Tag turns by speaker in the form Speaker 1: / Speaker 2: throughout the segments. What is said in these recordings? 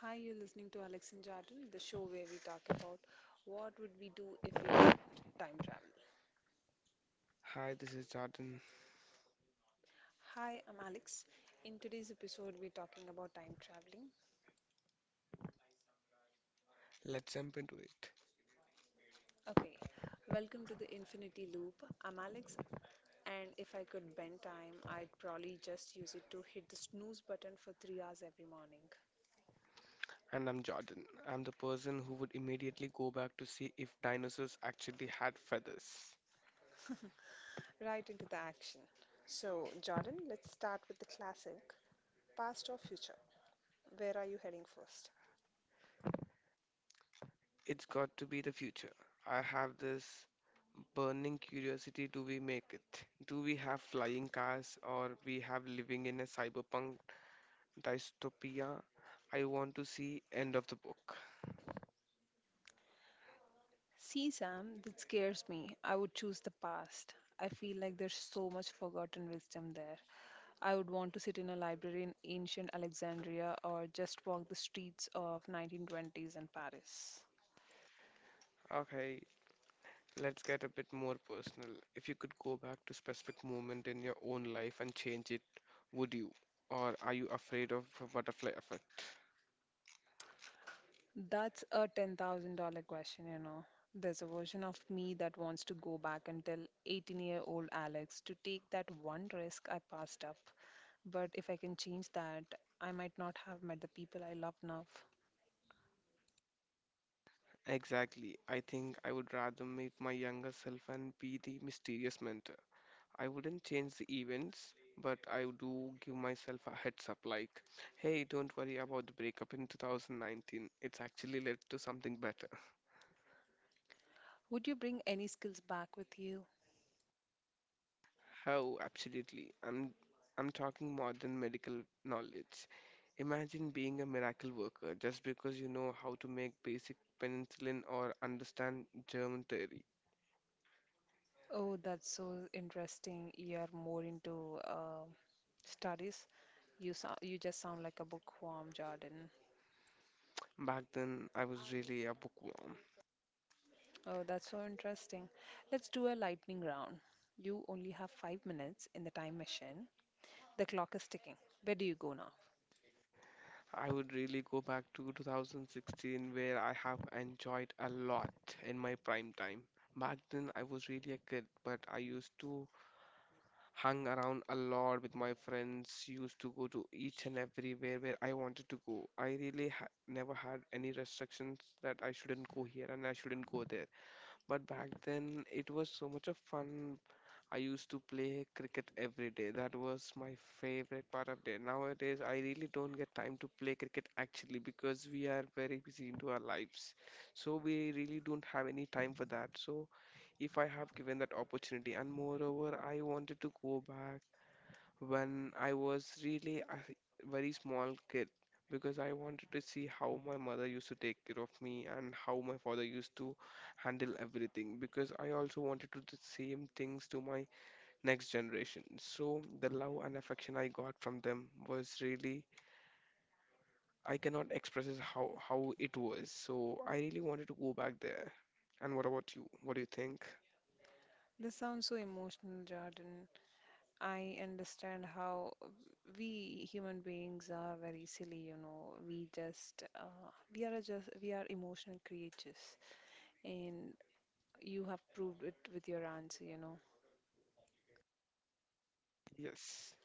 Speaker 1: Hi, you're listening to Alex and Jardin, the show where we talk about what would we do if we could time travel.
Speaker 2: Hi, this is Jordan.
Speaker 1: Hi, I'm Alex. In today's episode, we're talking about time traveling.
Speaker 2: Let's jump into it.
Speaker 1: Okay, welcome to the Infinity Loop. I'm Alex, and if I could bend time, I'd probably just use it to hit the snooze button for 3 hours every morning.
Speaker 2: And I'm Jordan. I'm the person who would immediately go back to see if dinosaurs actually had feathers.
Speaker 1: Right into the action. So, Jordan, let's start with the classic past or future. Where are you heading first?
Speaker 2: It's got to be the future. I have this burning curiosity, do we make it? Do we have flying cars, or we have living in a cyberpunk dystopia? I want to see end of the book.
Speaker 1: See, Sam, that scares me. I would choose the past. I feel like there's so much forgotten wisdom there. I would want to sit in a library in ancient Alexandria or just walk the streets of 1920s in Paris.
Speaker 2: Okay, let's get a bit more personal. If you could go back to specific moment in your own life and change it, would you? Or are you afraid of the butterfly effect?
Speaker 1: That's a $10,000 question. There's a version of me that wants to go back and tell 18-year-old Alex to take that one risk I passed up. But if I can change that, I might not have met the people I love now.
Speaker 2: Exactly. I think I would rather meet my younger self and be the mysterious mentor. I wouldn't change the events, but I do give myself a heads up like, hey, don't worry about the breakup in 2019. It's actually led to something better.
Speaker 1: Would you bring any skills back with you?
Speaker 2: How absolutely. I'm talking modern medical knowledge. Imagine being a miracle worker just because you know how to make basic penicillin or understand germ theory.
Speaker 1: Oh, that's so interesting. You are more into studies. You just sound like a bookworm, Jordan.
Speaker 2: Back then, I was really a bookworm.
Speaker 1: Oh, that's so interesting. Let's do a lightning round. You only have 5 minutes in the time machine. The clock is ticking. Where do you go now?
Speaker 2: I would really go back to 2016 where I have enjoyed a lot in my prime time. Back then, I was really a kid, but I used to hung around a lot with my friends, used to go to each and everywhere where I wanted to go. I really ha never had any restrictions that I shouldn't go here and I shouldn't go there. But back then, it was so much of fun. I used to play cricket every day. That was my favorite part of day. Nowadays, I really don't get time to play cricket actually because we are very busy into our lives. So we really don't have any time for that. So if I have given that opportunity. And moreover, I wanted to go back when I was really a very small kid, because I wanted to see how my mother used to take care of me and how my father used to handle everything, because I also wanted to do the same things to my next generation. So the love and affection I got from them was really, I cannot express it how it was. So I really wanted to go back there. And what about you? What do you think?
Speaker 1: This sounds so emotional, Jordan. I understand how we human beings are very silly. We just, we are just, we are emotional creatures, and you have proved it with your answer.
Speaker 2: Yes.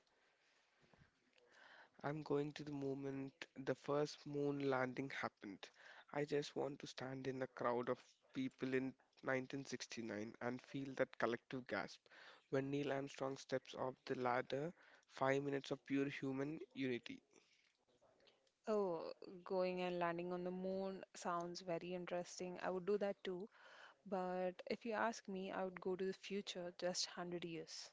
Speaker 2: I'm going to the moment the first moon landing happened. I just want to stand in the crowd of people in 1969 and feel that collective gasp when Neil Armstrong steps off the ladder, 5 minutes of pure human unity.
Speaker 1: Oh, going and landing on the moon sounds very interesting. I would do that too. But if you ask me, I would go to the future just 100 years.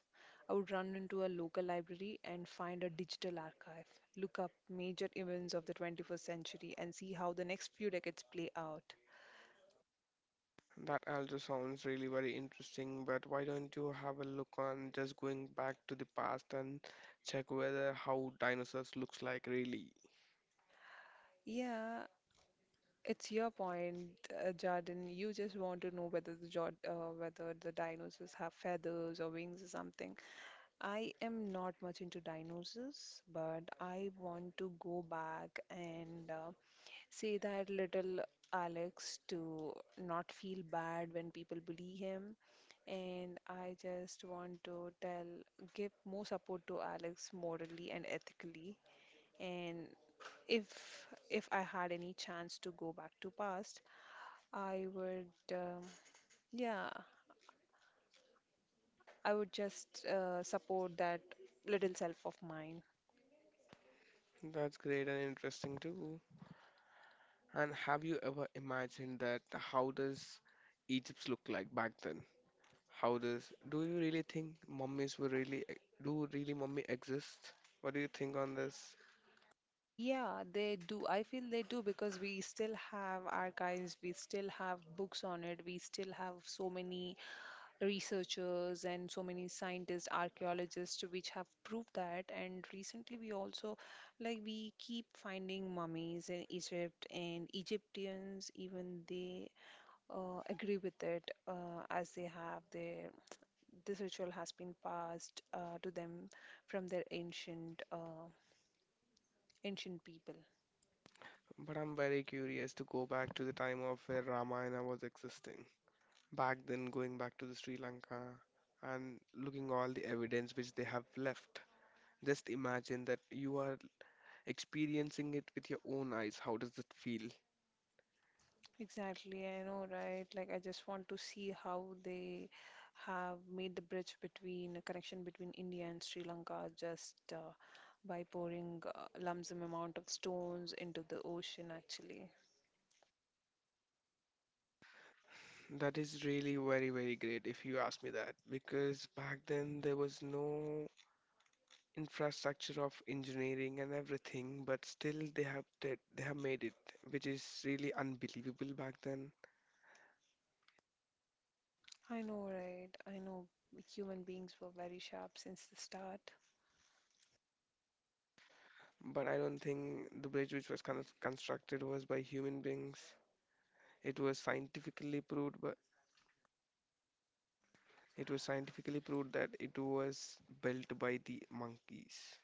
Speaker 1: I would run into a local library and find a digital archive, look up major events of the 21st century, and see how the next few decades play out.
Speaker 2: That also sounds really very interesting, but why don't you have a look on just going back to the past and check whether how dinosaurs looks like really?
Speaker 1: Yeah, it's your point, Jordan. You just want to know whether whether the dinosaurs have feathers or wings or something. I am not much into dinosaurs, but I want to go back and say that little Alex to not feel bad when people bully him. And I just want to give more support to Alex morally and ethically. And if if I had any chance to go back to past, I would, um yeah, I would just support that little self of mine.
Speaker 2: That's great and interesting too. And have you ever imagined that how does Egypt look like back then? How does, do you really think mummies were really do really mummy exist? What do you think on this?
Speaker 1: Yeah, they do. I feel they do because we still have archives, we still have books on it, we still have so many researchers and so many scientists, archaeologists which have proved that. And recently, we also like we keep finding mummies in Egypt, and Egyptians even they agree with it as they have their this ritual has been passed to them from their ancient ancient people.
Speaker 2: But I'm very curious to go back to the time of where Ramayana was existing. Back then, going back to the Sri Lanka and looking all the evidence which they have left. Just imagine that you are experiencing it with your own eyes. How does it feel?
Speaker 1: Exactly, I know, right? Like, I just want to see how they have made the bridge between a connection between India and Sri Lanka just by pouring lump sum amount of stones into the ocean, actually.
Speaker 2: That is really very, very great if you ask me that, because back then there was no infrastructure of engineering and everything, but still they have did, they have made it, which is really unbelievable back then.
Speaker 1: I know, right? I know human beings were very sharp since the start.
Speaker 2: But I don't think the bridge which was kind of constructed was by human beings. It was scientifically proved, but it was scientifically proved that it was built by the monkeys.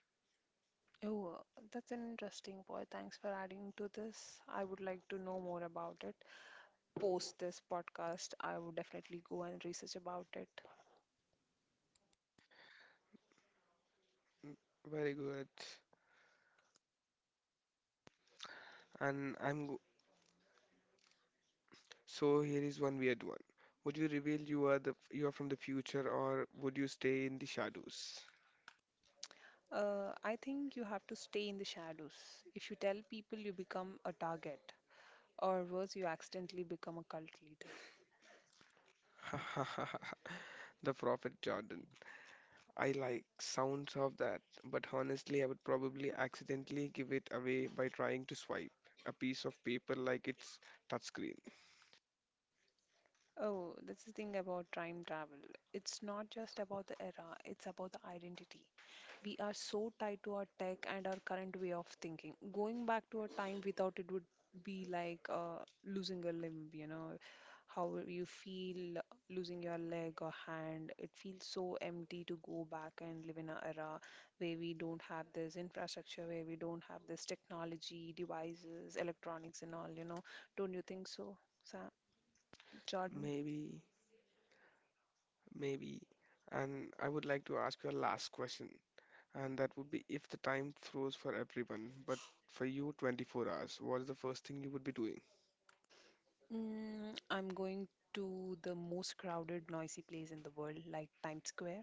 Speaker 1: Oh, that's an interesting point. Thanks for adding to this. I would like to know more about it. Post this podcast, I would definitely go and research about it.
Speaker 2: Mm, very good. And I'm So here is one weird one. Would you reveal you are from the future, or would you stay in the shadows?
Speaker 1: I think you have to stay in the shadows. If you tell people, you become a target, or worse, you accidentally become a cult leader.
Speaker 2: The Prophet Jordan. I like sounds of that, but honestly I would probably accidentally give it away by trying to swipe a piece of paper like it's touchscreen.
Speaker 1: Oh, that's the thing about time travel. It's not just about the era, it's about the identity. We are so tied to our tech and our current way of thinking. Going back to a time without it would be like losing a limb, how you feel losing your leg or hand. It feels so empty to go back and live in an era where we don't have this infrastructure, where we don't have this technology, devices, electronics, and all. Don't you think so, Sam? Jordan?
Speaker 2: Maybe, maybe. And I would like to ask you a last question. And that would be, if the time froze for everyone, but for you 24 hours, what is the first thing you would be doing?
Speaker 1: I'm going to the most crowded, noisy place in the world, like Times Square,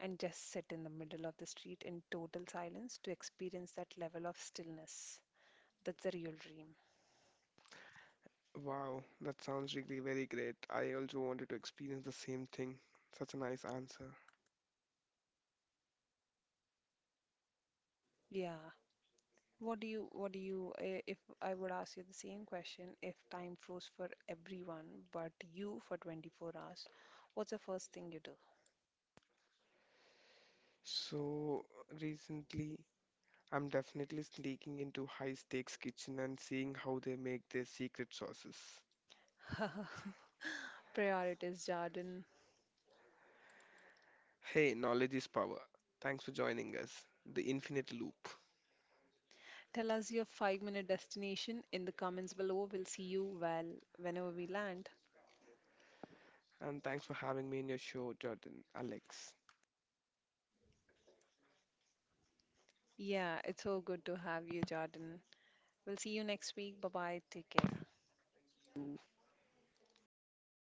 Speaker 1: and just sit in the middle of the street in total silence to experience that level of stillness. That's the real dream.
Speaker 2: Wow, that sounds really very great. I also wanted to experience the same thing. Such a nice answer.
Speaker 1: Yeah. What do you, eh, if I would ask you the same question, if time froze for everyone but you for 24 hours, what's the first thing you
Speaker 2: So recently, I'm definitely sneaking into high stakes kitchen and seeing how they make their secret sauces.
Speaker 1: do? Priorities, Jordan.
Speaker 2: Hey, knowledge is power. Thanks for joining us, the Infinite Loop.
Speaker 1: Tell us your 5 minute destination in the comments below. We'll see you well whenever we land.
Speaker 2: And thanks for having me in your show, Jordan, Alex.
Speaker 1: Yeah, it's so good to have you, Jordan. We'll see you next week. Bye bye. Take care.